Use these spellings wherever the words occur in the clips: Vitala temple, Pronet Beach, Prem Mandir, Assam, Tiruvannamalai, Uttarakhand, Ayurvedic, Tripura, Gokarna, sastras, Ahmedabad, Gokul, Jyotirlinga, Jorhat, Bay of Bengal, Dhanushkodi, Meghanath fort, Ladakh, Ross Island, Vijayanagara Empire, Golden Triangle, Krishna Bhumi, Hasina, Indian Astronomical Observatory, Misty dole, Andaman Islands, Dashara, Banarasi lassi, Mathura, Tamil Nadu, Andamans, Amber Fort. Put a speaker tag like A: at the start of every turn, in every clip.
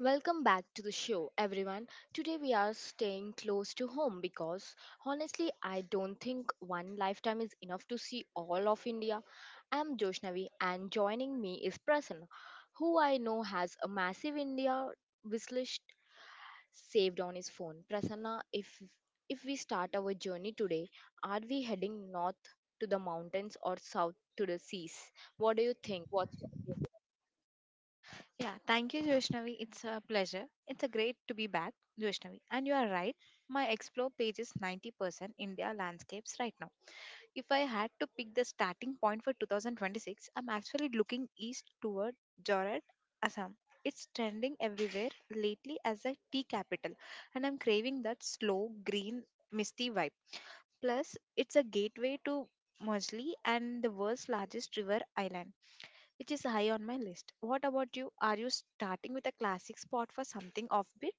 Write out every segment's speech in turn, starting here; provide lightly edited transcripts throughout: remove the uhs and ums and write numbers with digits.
A: Welcome back to the show, everyone. Today we are staying close to home because honestly, I don't think one lifetime is enough to see all of India. I'm Joshnavi, and joining me is Prasanna, who I know has a massive India wishlist saved on his phone. Prasanna, if we start our journey today, are we heading north to the mountains or south to the seas? What do you think? What's your...
B: Yeah, thank you, Joshnavi. It's a pleasure. It's a great to be back, Joshnavi. And you are right. My explore page is 90% India landscapes right now. If I had to pick the starting point for 2026, I'm actually looking east toward Jorhat, Assam. It's trending everywhere lately as a tea capital, and I'm craving that slow, green, misty vibe. Plus, it's a gateway to Mojli and the world's largest river island which is high on my list. What about you? Are you starting with a classic spot for something offbeat?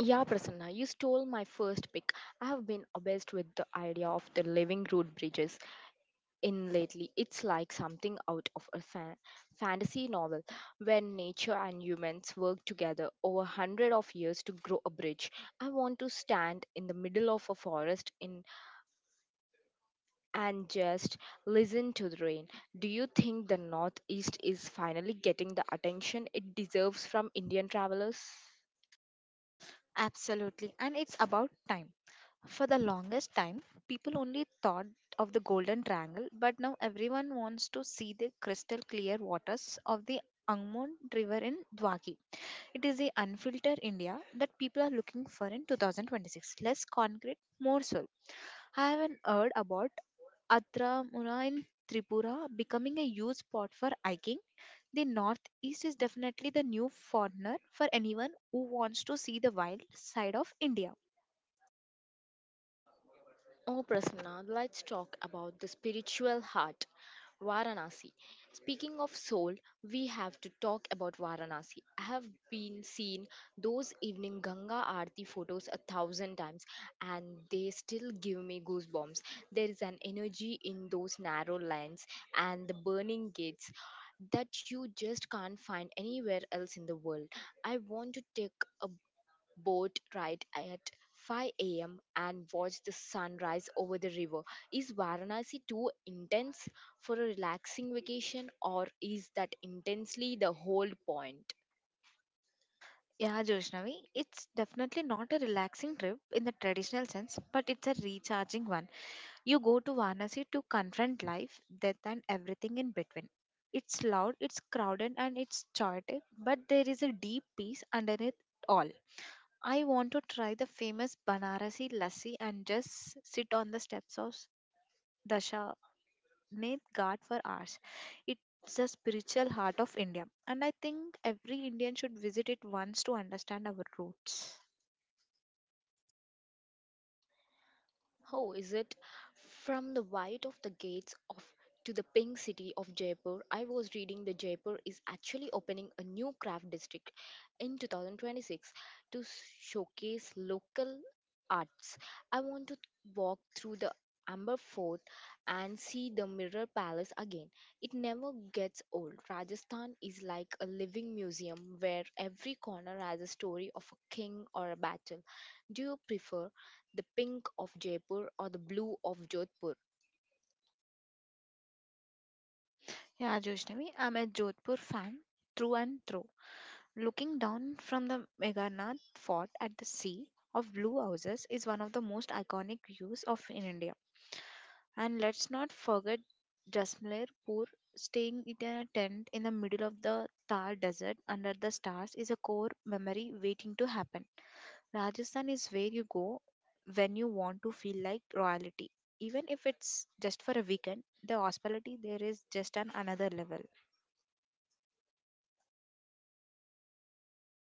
A: Yeah, Prasanna, you stole my first pick. I have been obsessed with the idea of the living root bridges in lately. It's like something out of a fantasy novel where nature and humans work together over hundred of years to grow a bridge. I want to stand in the middle of a forest in and just listen to the rain. Do you think the Northeast is finally getting the attention it deserves from Indian travelers?
B: Absolutely, and it's about time. For the longest time, people only thought of the Golden Triangle, but now everyone wants to see the crystal clear waters of the Angmon River in Dwaki. It is the unfiltered India that people are looking for in 2026. Less concrete, more soul. I haven't heard about Atramura in Tripura becoming a huge spot for hiking. The Northeast is definitely the new foreigner for anyone who wants to see the wild side of India.
A: Oh, Prasanna, let's talk about the spiritual heart, Varanasi. Speaking of soul, we have to talk about Varanasi. I have been seen those evening Ganga Aarti photos a thousand times and they still give me goosebumps. There is an energy in those narrow lanes and the burning gates that you just can't find anywhere else in the world. I want to take a boat ride at 5 a.m. and watch the sunrise over the river. Is Varanasi too intense for a relaxing vacation, or is that intensely the whole point?
B: Yeah, Joshnavi, it's definitely not a relaxing trip in the traditional sense, but it's a recharging one. You go to Varanasi to confront life, death, and everything in between. It's loud, it's crowded, and it's chaotic, but there is a deep peace underneath all. I want to try the famous Banarasi lassi and just sit on the steps of Dasha name God for ours. It's the spiritual heart of India, and I think every Indian should visit it once to understand our roots.
A: Oh, is it? From the white of the gates of to the pink city of Jaipur, I was reading that Jaipur is actually opening a new craft district in 2026 to showcase local arts. I want to walk through the Amber Fort and see the Mirror Palace again. It never gets old. Rajasthan is like a living museum where every corner has a story of a king or a battle. Do you prefer the pink of Jaipur or the blue of Jodhpur?
B: Yeah, Joshnavi, I'm a Jodhpur fan through and through. Looking down from the Meghanath fort at the sea of blue houses is one of the most iconic views of in India. And let's not forget Jasmir Poor staying in a tent in the middle of the Thar desert under the stars is a core memory waiting to happen. Rajasthan is where you go when you want to feel like royalty, even if it's just for a weekend. The hospitality there is just on another level.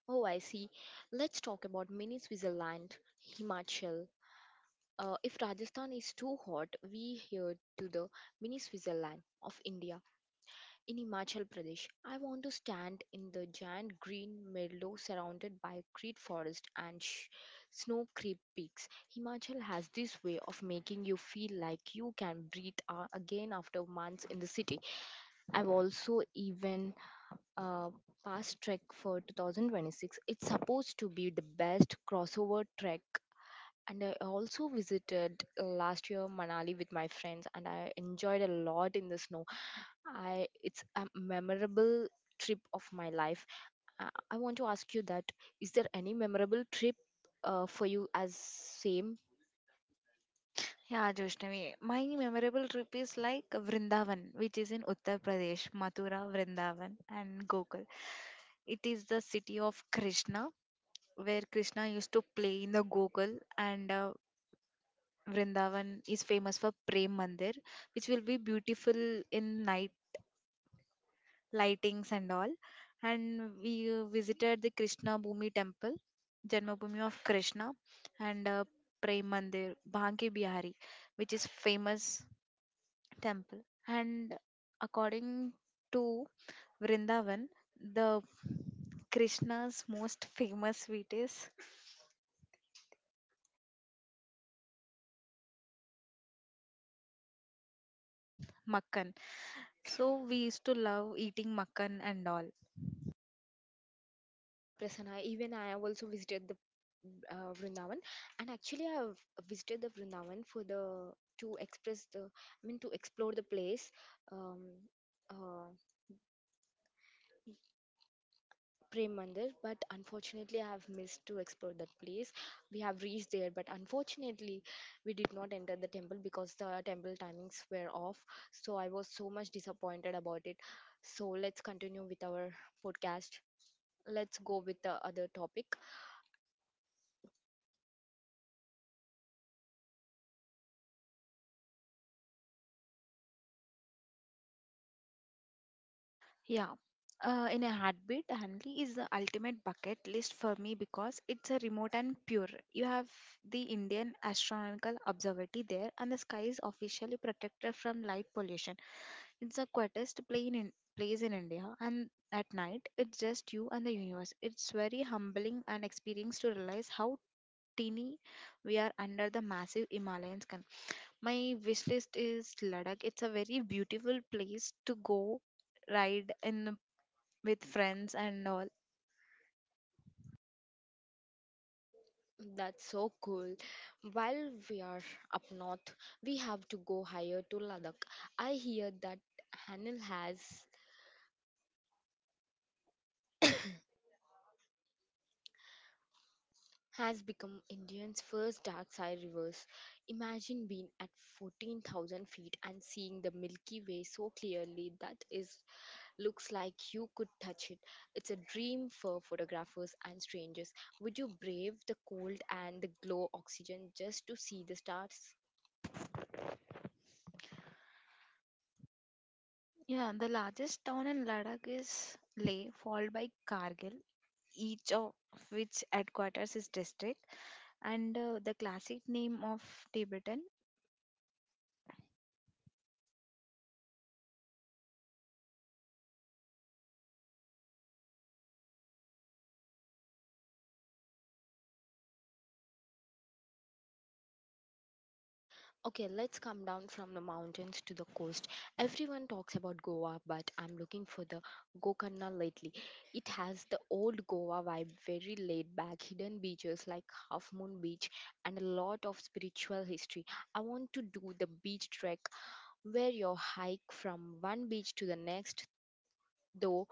A: Oh, I see. Let's talk about mini Switzerland, Himachal. If Rajasthan is too hot, we here to the mini Switzerland of India. In Himachal Pradesh, I want to stand in the giant green meadow surrounded by creed forest and snow creep peaks. Himachal has this way of making you feel like you can breathe again after months in the city. I've also even uh, past trek for 2026. It's supposed to be the best crossover trek. And I also visited last year Manali with my friends, and I enjoyed a lot in the snow. I it's a memorable trip of my life. I want to ask you that: is there any memorable trip for you as same?
B: Yeah, Joshnavi. My memorable trip is like Vrindavan, which is in Uttar Pradesh, Mathura, Vrindavan, and Gokul. It is the city of Krishna, where Krishna used to play in the Gokul, and Vrindavan is famous for Prem Mandir, which will be beautiful in night. Lightings and all. And we visited the Krishna Bhumi temple, Janmabhoomi of Krishna, and Prem Mandir, Bhanki Bihari, which is famous temple. And according to Vrindavan, the Krishna's most famous sweet is makkan. So we used to love eating makkan and all.
A: Yeah, Prasanna, even I have also visited the Vrindavan, and actually I have visited the Vrindavan for the to express the I mean to explore the place, um, uh, Prem Mandir, but unfortunately I have missed to explore that place. We have reached there, but unfortunately we did not enter the temple because the temple timings were off. So I was so much disappointed about it. So let's continue with our podcast. Let's go with the other topic.
B: Yeah. In a heartbeat, Hanley is the ultimate bucket list for me because it's a remote and pure. You have the Indian Astronomical Observatory there, and the sky is officially protected from light pollution. It's the place in India, and at night, it's just you and the universe. It's very humbling and experience to realize how teeny we are under the massive Himalayan sky. My wish list is Ladakh. It's a very beautiful place to go ride in with friends and all.
A: That's so cool. While we are up north, we have to go higher to Ladakh. I hear that Hanil has become India's first dark side reverse. Imagine being at 14,000 feet and seeing the Milky Way so clearly that is looks like you could touch it. It's a dream for photographers and strangers. Would you brave the cold and the glow oxygen just to see the stars?
B: Yeah, the largest town in Ladakh is Leh, followed by Kargil, each of which headquarters is district. And the classic name of Tibetan.
A: Okay, let's come down from the mountains to the coast. Everyone talks about Goa, but I'm looking for the Gokarna lately. It has the old Goa vibe, very laid back, hidden beaches like Half Moon Beach, and a lot of spiritual history. I want to do the beach trek where you hike from one beach to the next. Though,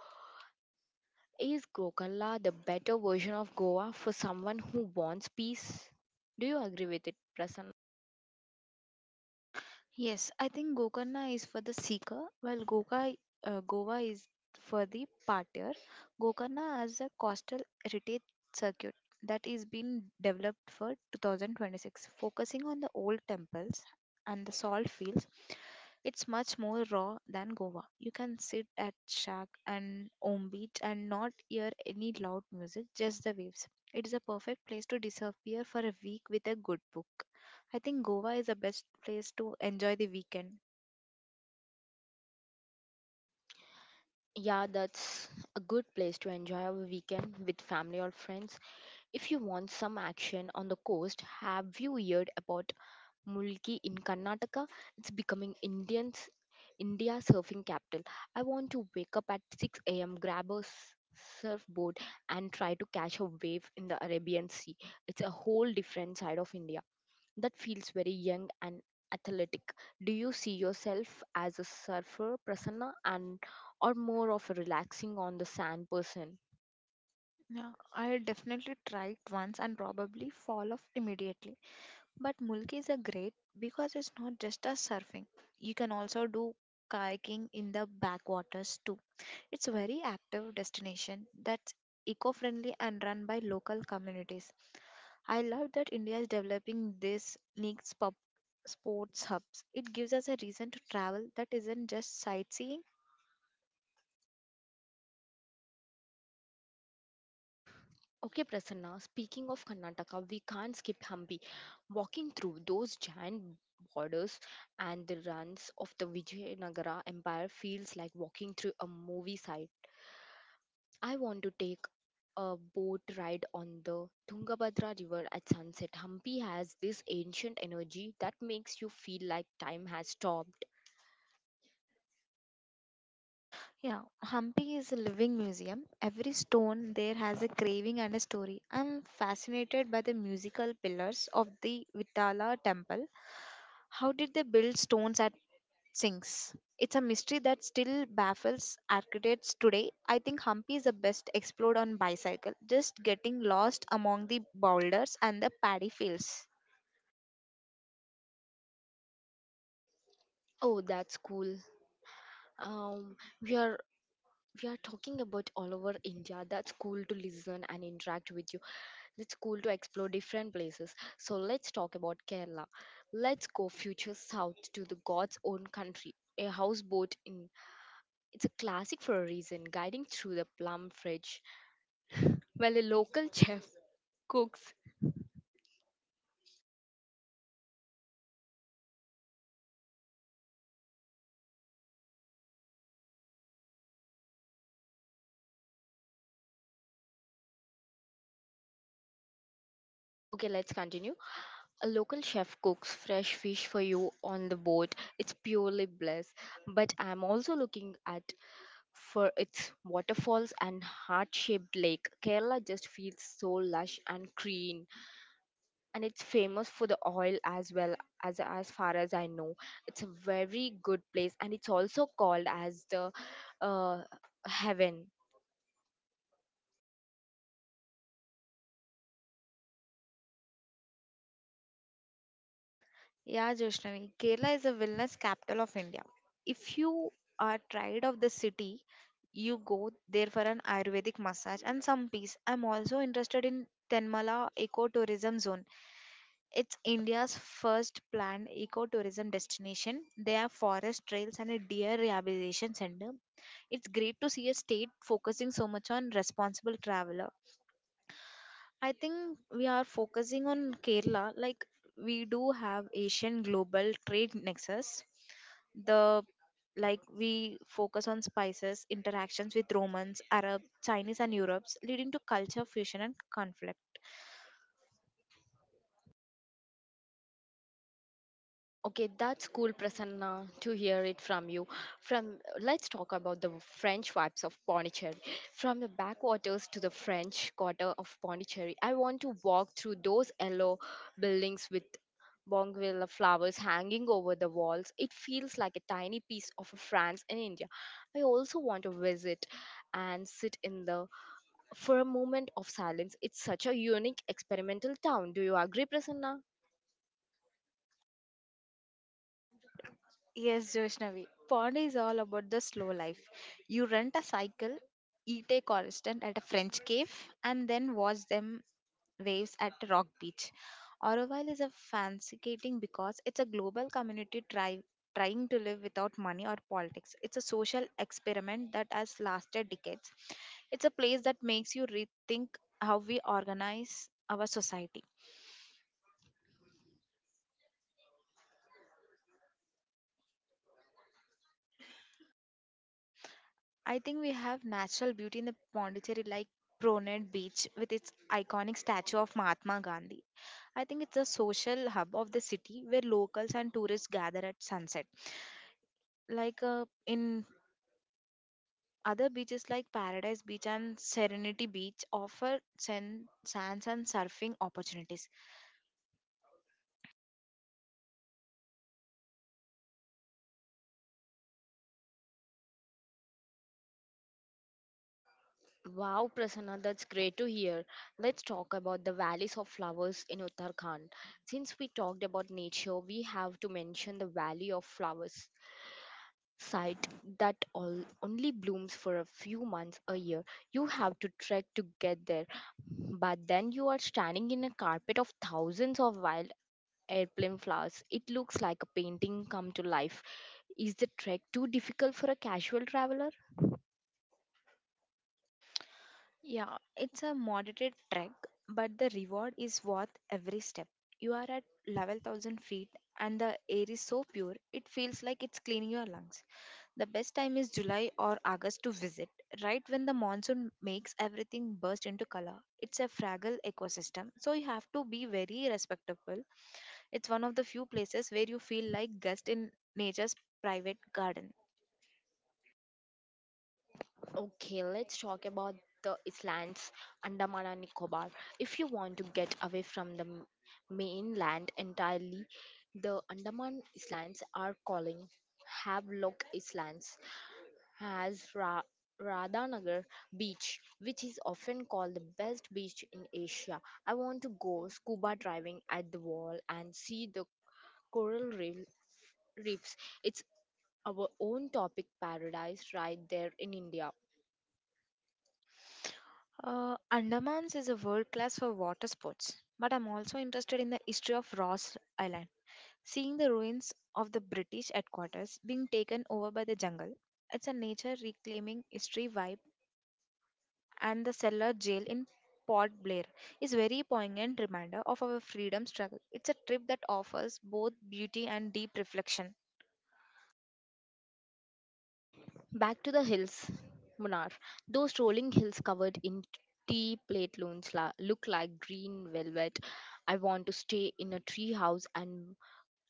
A: is Gokarna the better version of Goa for someone who wants peace? Do you agree with it, Prasanna?
B: Yes, I think Gokarna is for the seeker, while Goa is for the partier. Gokarna has a coastal heritage circuit that is being developed for 2026, focusing on the old temples and the salt fields. It's much more raw than Goa. You can sit at shack and home beach and not hear any loud music, just the waves. It is a perfect place to disappear for a week with a good book. I think Goa is the best place to enjoy the weekend.
A: Yeah, that's a good place to enjoy a weekend with family or friends. If you want some action on the coast, have you heard about Mulki in Karnataka? It's becoming Indian's India surfing capital. I want to wake up at 6 a.m., grab a surfboard, and try to catch a wave in the Arabian Sea. It's a whole different side of India that feels very young and athletic. Do you see yourself as a surfer, Prasanna, and or more of a relaxing on the sand person?
B: Yeah, I definitely tried once and probably fall off immediately. But Mulki is a great because it's not just a surfing. You can also do kayaking in the backwaters too. It's a very active destination that's eco-friendly and run by local communities. I love that India is developing these unique sports hubs. It gives us a reason to travel that isn't just sightseeing.
A: Okay, Prasanna, speaking of Karnataka, we can't skip Hampi. Walking through those giant borders and the runs of the Vijayanagara Empire feels like walking through a movie site. I want to take a boat ride on the Tungabhadra River at sunset. Hampi has this ancient energy that makes you feel like time has stopped.
B: Yeah, Hampi is a living museum. Every stone there has a craving and a story. I'm fascinated by the musical pillars of the Vitala temple. How did they build stones at sinks. It's a mystery that still baffles architects today. I think Hampi is the best explored on bicycle, just getting lost among the boulders and the paddy fields.
A: Oh, that's cool. Um, we are we are talking about all over India. That's cool to listen and interact with you. That's cool to explore different places. So let's talk about Kerala. Let's go future south to the God's own country. A houseboat in it's a classic for a reason, guiding through the plum fridge. Well, a local chef cooks. Okay, let's continue. A local chef cooks fresh fish for you on the boat. It's purely bliss. But I'm also looking at for its waterfalls and heart-shaped lake. Kerala just feels so lush and green, and it's famous for the oil as well as far as I know. It's a very good place, and it's also called as the uh, heaven.
B: Yeah, Joshnavi, Kerala is a wellness capital of India. If you are tired of the city, you go there for an Ayurvedic massage and some peace. I'm also interested in Tenmala Ecotourism Zone. It's India's first planned ecotourism destination. There are forest trails and a deer rehabilitation center. It's great to see a state focusing so much on responsible travel. I think we are focusing on Kerala. Like we do have Asian global trade nexus. The like we focus on spices, interactions with Romans, Arab, Chinese, and Europe's, leading to culture fusion and conflict.
A: Okay, that's cool, Prasanna, to hear it from you. From let's talk about the French vibes of Pondicherry. From the backwaters to the French quarter of Pondicherry, I want to walk through those yellow buildings with bougainvillea flowers hanging over the walls. It feels like a tiny piece of France in India. I also want to visit and sit in the for a moment of silence. It's such a unique experimental town. Do you agree, Prasanna?
B: Yes, Joshnavi. Pond is all about the slow life. You rent a cycle, eat a constant at a French cave, and then watch them waves at Rock Beach. Auroville is a fascinating because it's a global community trying to live without money or politics. It's a social experiment that has lasted decades. It's a place that makes you rethink how we organize our society. I think we have natural beauty in the Pondicherry like Pronet Beach with its iconic statue of Mahatma Gandhi. I think it's a social hub of the city where locals and tourists gather at sunset. Like in other beaches like Paradise Beach and Serenity Beach offer sand, sands and surfing opportunities.
A: Wow, Prasanna, that's great to hear. Let's talk about the valleys of flowers in Uttarakhand. Since we talked about nature, we have to mention the Valley of Flowers site that all, only blooms for a few months a year. You have to trek to get there, but then you are standing in a carpet of thousands of wild airplane flowers. It looks like a painting come to life. Is the trek too difficult for a casual traveler?
B: Yeah, it's a moderate trek, but the reward is worth every step. You are at 11,000 feet and the air is so pure, it feels like it's cleaning your lungs. The best time is July or August to visit, right when the monsoon makes everything burst into color. It's a fragile ecosystem, so you have to be very respectable. It's one of the few places where you feel like guest in nature's private garden.
A: Okay, let's talk about the islands, Andaman and Nicobar. If you want to get away from the mainland entirely, the Andaman Islands are calling. Havelock Islands has Radhanagar Beach, which is often called the best beach in Asia. I want to go scuba diving at the wall and see the coral reef- reefs. It's our own topic paradise right there in India.
B: Andamans is a world class for water sports, but I'm also interested in the history of Ross Island. Seeing the ruins of the British headquarters being taken over by the jungle, it's a nature reclaiming history vibe and the cellar jail in Port Blair is very poignant reminder of our freedom struggle. It's a trip that offers both beauty and deep reflection.
A: Back to the hills, Munar. Those rolling hills covered in tea plate loons look like green velvet. I want to stay in a tree house and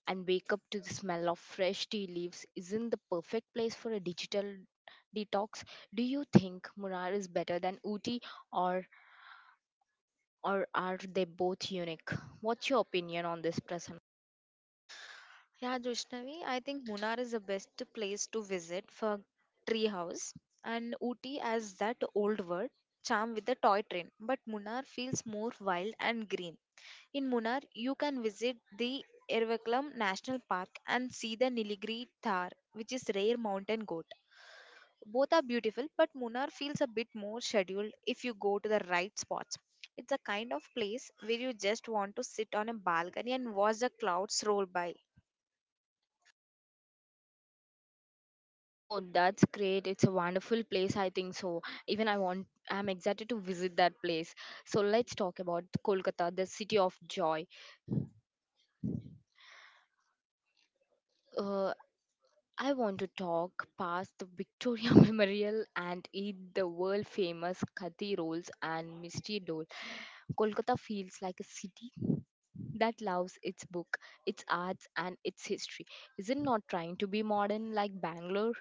A: and wake up to the smell of fresh tea leaves. Isn't the perfect place for a digital detox? Do you think Munar is better than Uti, or or are they both unique? What's your opinion on this, Prasad?
B: Yeah, Joshnavi, I think Munnar is the best place to visit for treehouse and Ooty as that old word charm with the toy train. But Munnar feels more wild and green. In Munnar, you can visit the Ervakulam National Park and see the Nilgiri Thar, which is rare mountain goat. Both are beautiful, but Munnar feels a bit more scheduled if you go to the right spots. It's a kind of place where you just want to sit on a balcony and watch the clouds roll by.
A: Oh, that's great. It's a wonderful place, I think so. Even I want I'm excited to visit that place. So let's talk about Kolkata, the city of joy. Uh, I want to talk past the Victoria Memorial and eat the world famous Khati rolls and Misty dole. Kolkata feels like a city that loves its book, its arts and its history. Is it not trying to be modern like Bangalore?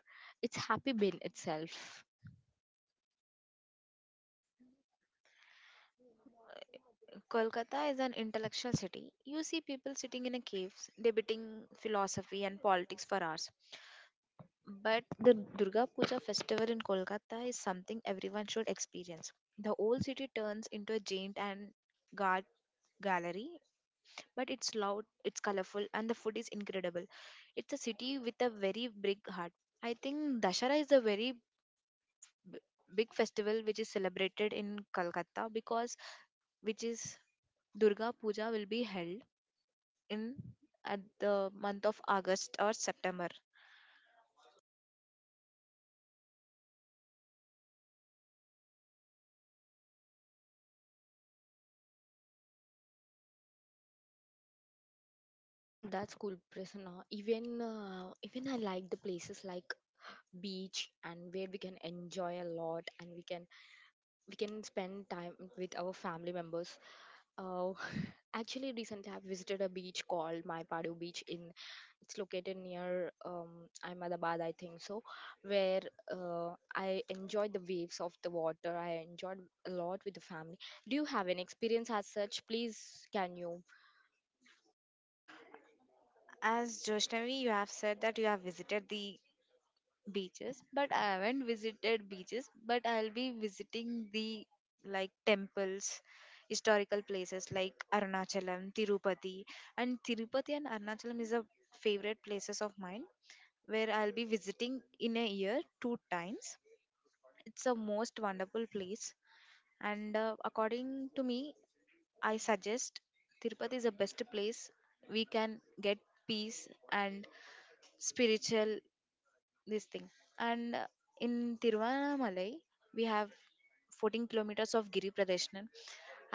A: It's happy bin itself.
B: Kolkata is an intellectual city. You see people sitting in a caves, debating philosophy and politics for hours. But the Durga Puja festival in Kolkata is something everyone should experience. The old city turns into a giant and guard gallery, but it's loud, it's colorful, and the food is incredible. It's a city with a very big heart. I think Dashara is a very b- big festival which is celebrated in Kolkata because which is Durga Puja will be held in at the month of August or September.
A: That's cool, Prasanna. Even I like the places like beach and where we can enjoy a lot and we can spend time with our family members. Uh, actually, recently I've visited a beach called Maipadu Beach in it's located near Ahmedabad, I think so, where I enjoyed the waves of the water. I enjoyed a lot with the family. Do you have an experience as such? Please, can you...
B: As Joshnavi, you have said that you have visited the beaches but I haven't visited beaches but I'll be visiting the like temples, historical places like Arunachalam, Tirupati. And Tirupati and Arunachalam is a favorite places of mine where I'll be visiting in a year two times. It's a most wonderful place and according to me, I suggest Tirupati is the best place we can get peace and spiritual this thing. And in Tiruvannamalai, we have 14 kilometers of Giri Pradeshnan.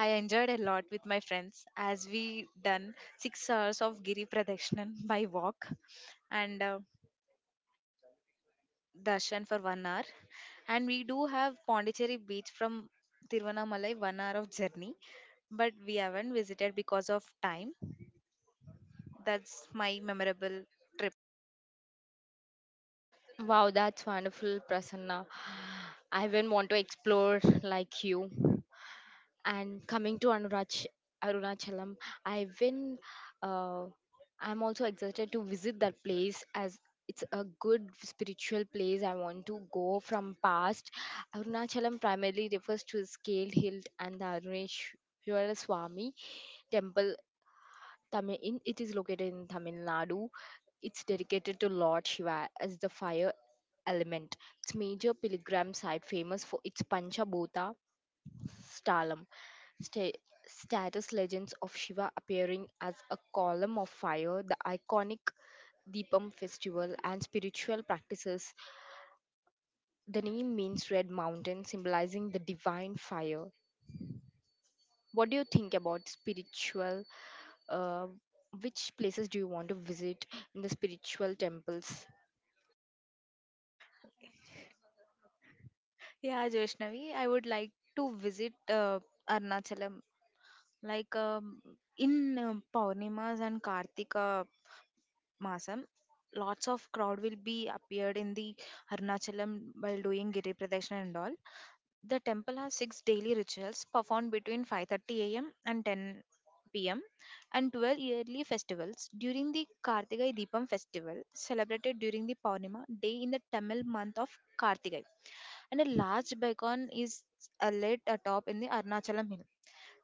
B: I enjoyed a lot with my friends as we done 6 hours of Giri Pradeshnan by walk and darshan for one hour. And we do have Pondicherry beach from Tiruvannamalai, 1 hour of journey, but we haven't visited because of time. That's my memorable trip.
A: Wow, that's wonderful, Prasanna. I even want to explore like you. And coming to Arunachalam, I've been, uh, I'm also excited to visit that place as it's a good spiritual place. I want to go from past. Arunachalam primarily refers to a scaled hill and the Aruneshwara Swami temple Tamil in, it is located in Tamil Nadu. It's dedicated to Lord Shiva as the fire element. It's major pilgrim site famous for its Panchabhuta Stalam, sta- status legends of Shiva appearing as a column of fire, the iconic Deepam festival and spiritual practices. The name means red mountain symbolizing the divine fire. What do you think about spiritual uh, which places do you want to visit in the spiritual temples?
B: Yeah, Vaishnavi, I would like to visit Arnachalam. Like um, in Purnimas and Kartika Masam, lots of crowd will be appeared in the Arunachalam while doing Giri Pradeshna and all. The temple has six daily rituals performed between 5:30 a.m. and 10 p.m. and 12 yearly festivals. During the Kartigai Deepam festival, celebrated during the Paunima day in the Tamil month of Kartigai, and a large beacon is lit atop in the Arnachalam hill.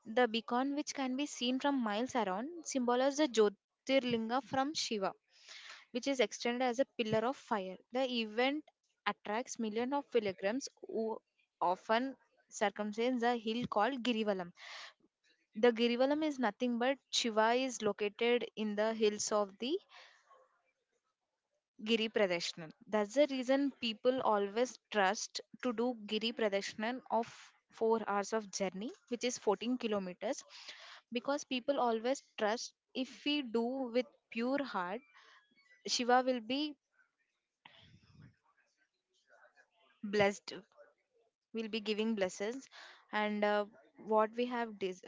B: The beacon, which can be seen from miles around, symbolizes the Jyotirlinga from Shiva which is extended as a pillar of fire. The event attracts millions of pilgrims who often circumstance a hill called Girivalam. The Girivalam is nothing but Shiva is located in the hills of the Giri Pradeshnan. That's the reason people always trust to do Giri Pradeshnan of 4 hours of journey, which is 14 kilometers, because people always trust if we do with pure heart, Shiva will be blessed, will be giving blessings, and what we have des-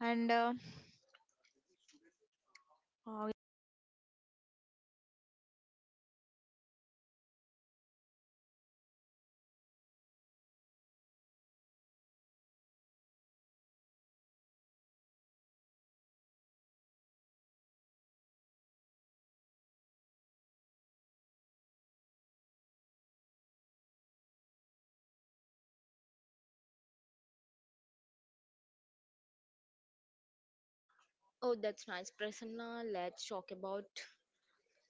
B: and uh,
A: Oh, that's nice, Prasanna. Let's talk about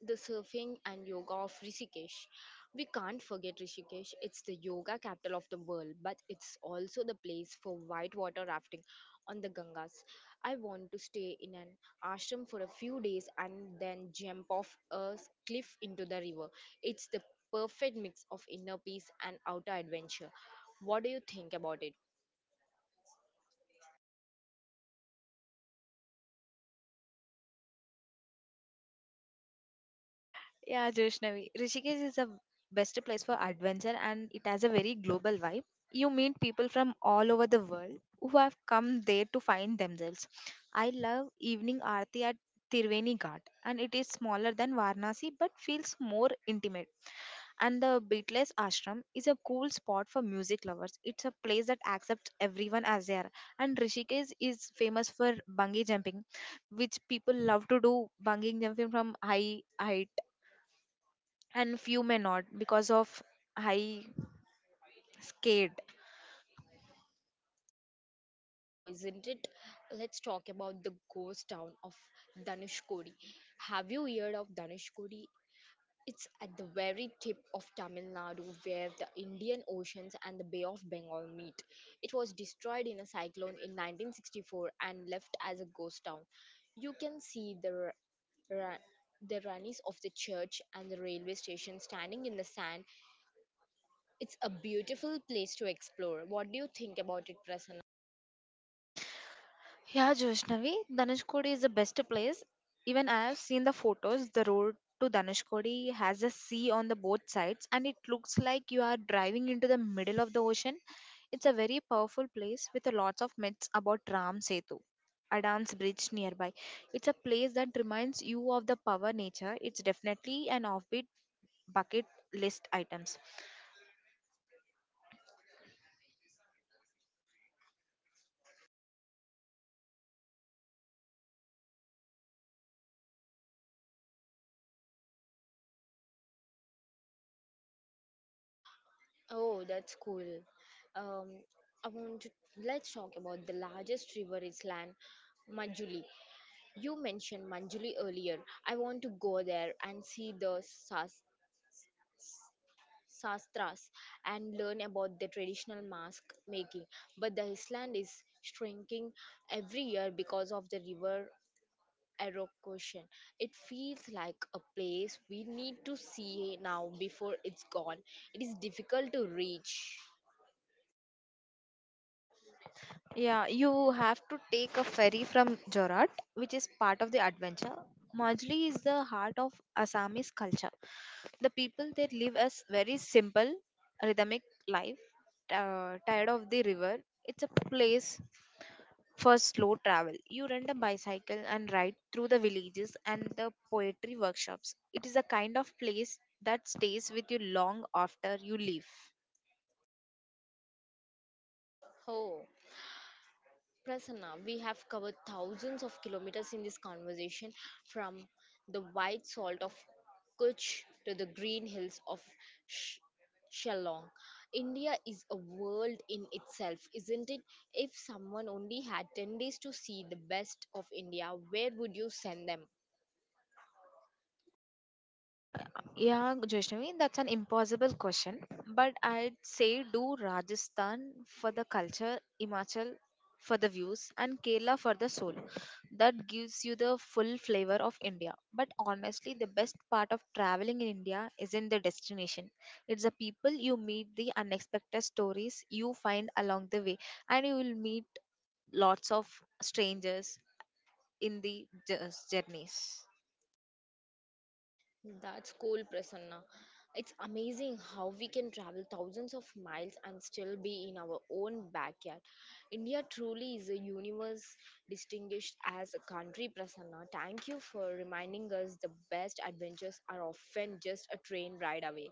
A: the surfing and yoga of Rishikesh. We can't forget Rishikesh. It's the yoga capital of the world, but it's also the place for whitewater rafting on the Gangas. I want to stay in an ashram for a few days and then jump off a cliff into the river. It's the perfect mix of inner peace and outer adventure. What do you think about it?
B: Yeah, Joshnavi. Rishikesh is the best place for adventure and it has a very global vibe. You meet people from all over the world who have come there to find themselves. I love evening aarti at Tirveni Ghat and it is smaller than Varanasi but feels more intimate. And the Beatles Ashram is a cool spot for music lovers. It's a place that accepts everyone as they are. And Rishikesh is famous for bungee jumping, which people love to do bungee jumping from high height and few may not because of high scared.
A: Oh, isn't it? Let's talk about the ghost town of Dhanushkodi. Have you heard of Dhanushkodi? It's at the very tip of Tamil Nadu where the Indian Oceans and the Bay of Bengal meet. It was destroyed in a cyclone in 1964 and left as a ghost town. You can see the ra- the runnies of the church and the railway station standing in the sand. It's a beautiful place to explore. What do you think about it, Prasanna?
B: Yeah, Joshnavi, Dhanushkodi is the best place. Even I have seen the photos, the road to Dhanushkodi has a sea on the both sides and it looks like you are driving into the middle of the ocean. It's a very powerful place with a lots of myths about Ram Setu, Adam's bridge nearby. It's a place that reminds you of the power nature. It's definitely an offbeat bucket list items.
A: Oh, that's cool. Um, I want to let's talk about the largest river island, Manjuli. You mentioned Manjuli earlier. I want to go there and see the sastras and learn about the traditional mask making. But the island is shrinking every year because of the river erosion. It feels like a place we need to see now before it's gone. It is difficult to reach.
B: Yeah, you have to take a ferry from Jorat, which is part of the adventure. Majli is the heart of Assamese culture. The people there live a very simple, rhythmic life, tired of the river. It's a place for slow travel. You rent a bicycle and ride through the villages and the poetry workshops. It is a kind of place that stays with you long after you leave.
A: Oh. Prasanna, we have covered thousands of kilometers in this conversation from the white salt of Kutch to the green hills of Sh- Shillong. India is a world in itself, isn't it? If someone only had 10 days to see the best of India, where would you send them?
B: Yeah, Vaishnavi, that's an impossible question. But I'd say do Rajasthan for the culture, Himachal for the views, and Kerala for the soul. That gives you the full flavor of India. But honestly, the best part of traveling in India isn't the destination, it's the people you meet, the unexpected stories you find along the way, and you will meet lots of strangers in the journeys.
A: That's cool, Prasanna. It's amazing how we can travel thousands of miles and still be in our own backyard. India truly is a universe distinguished as a country, Prasanna. Thank you for reminding us the best adventures are often just a train ride away.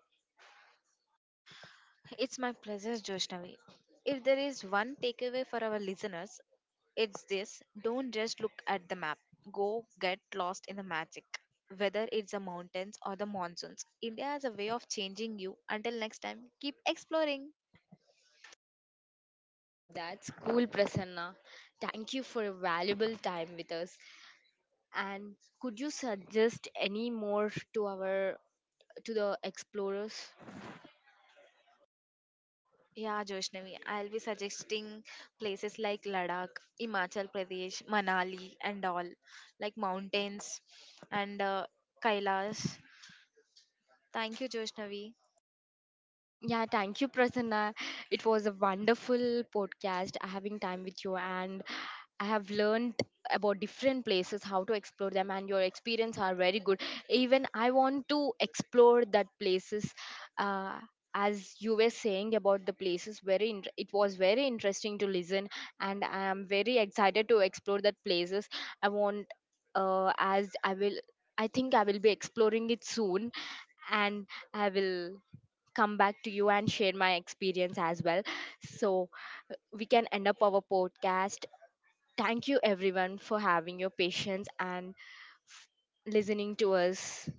B: It's my pleasure, Joshnavi. If there is one takeaway for our listeners, it's this don't just look at the map, go get lost in the magic. Whether it's the mountains or the monsoons, India has a way of changing you. Until next time, keep exploring.
A: Oh, that's cool, Prasanna. Thank you for a valuable time with us. And could you suggest any more to our to the explorers?
B: Yeah, Joshnavi, I'll be suggesting places like Ladakh, Himachal Pradesh, Manali, and all, like mountains and Kailash. Thank you, Joshnavi.
A: Yeah, thank you, Prasanna. It was a wonderful podcast having time with you, and I have learned about different places, how to explore them, and your experience are very good. Even I want to explore that places. Uh, as you were saying about the places, very it was very interesting to listen, and I am very excited to explore that places. I want, as I will, I think I will be exploring it soon, and I will come back to you and share my experience as well. So we can end up our podcast. Thank you everyone for having your patience and f- listening to us.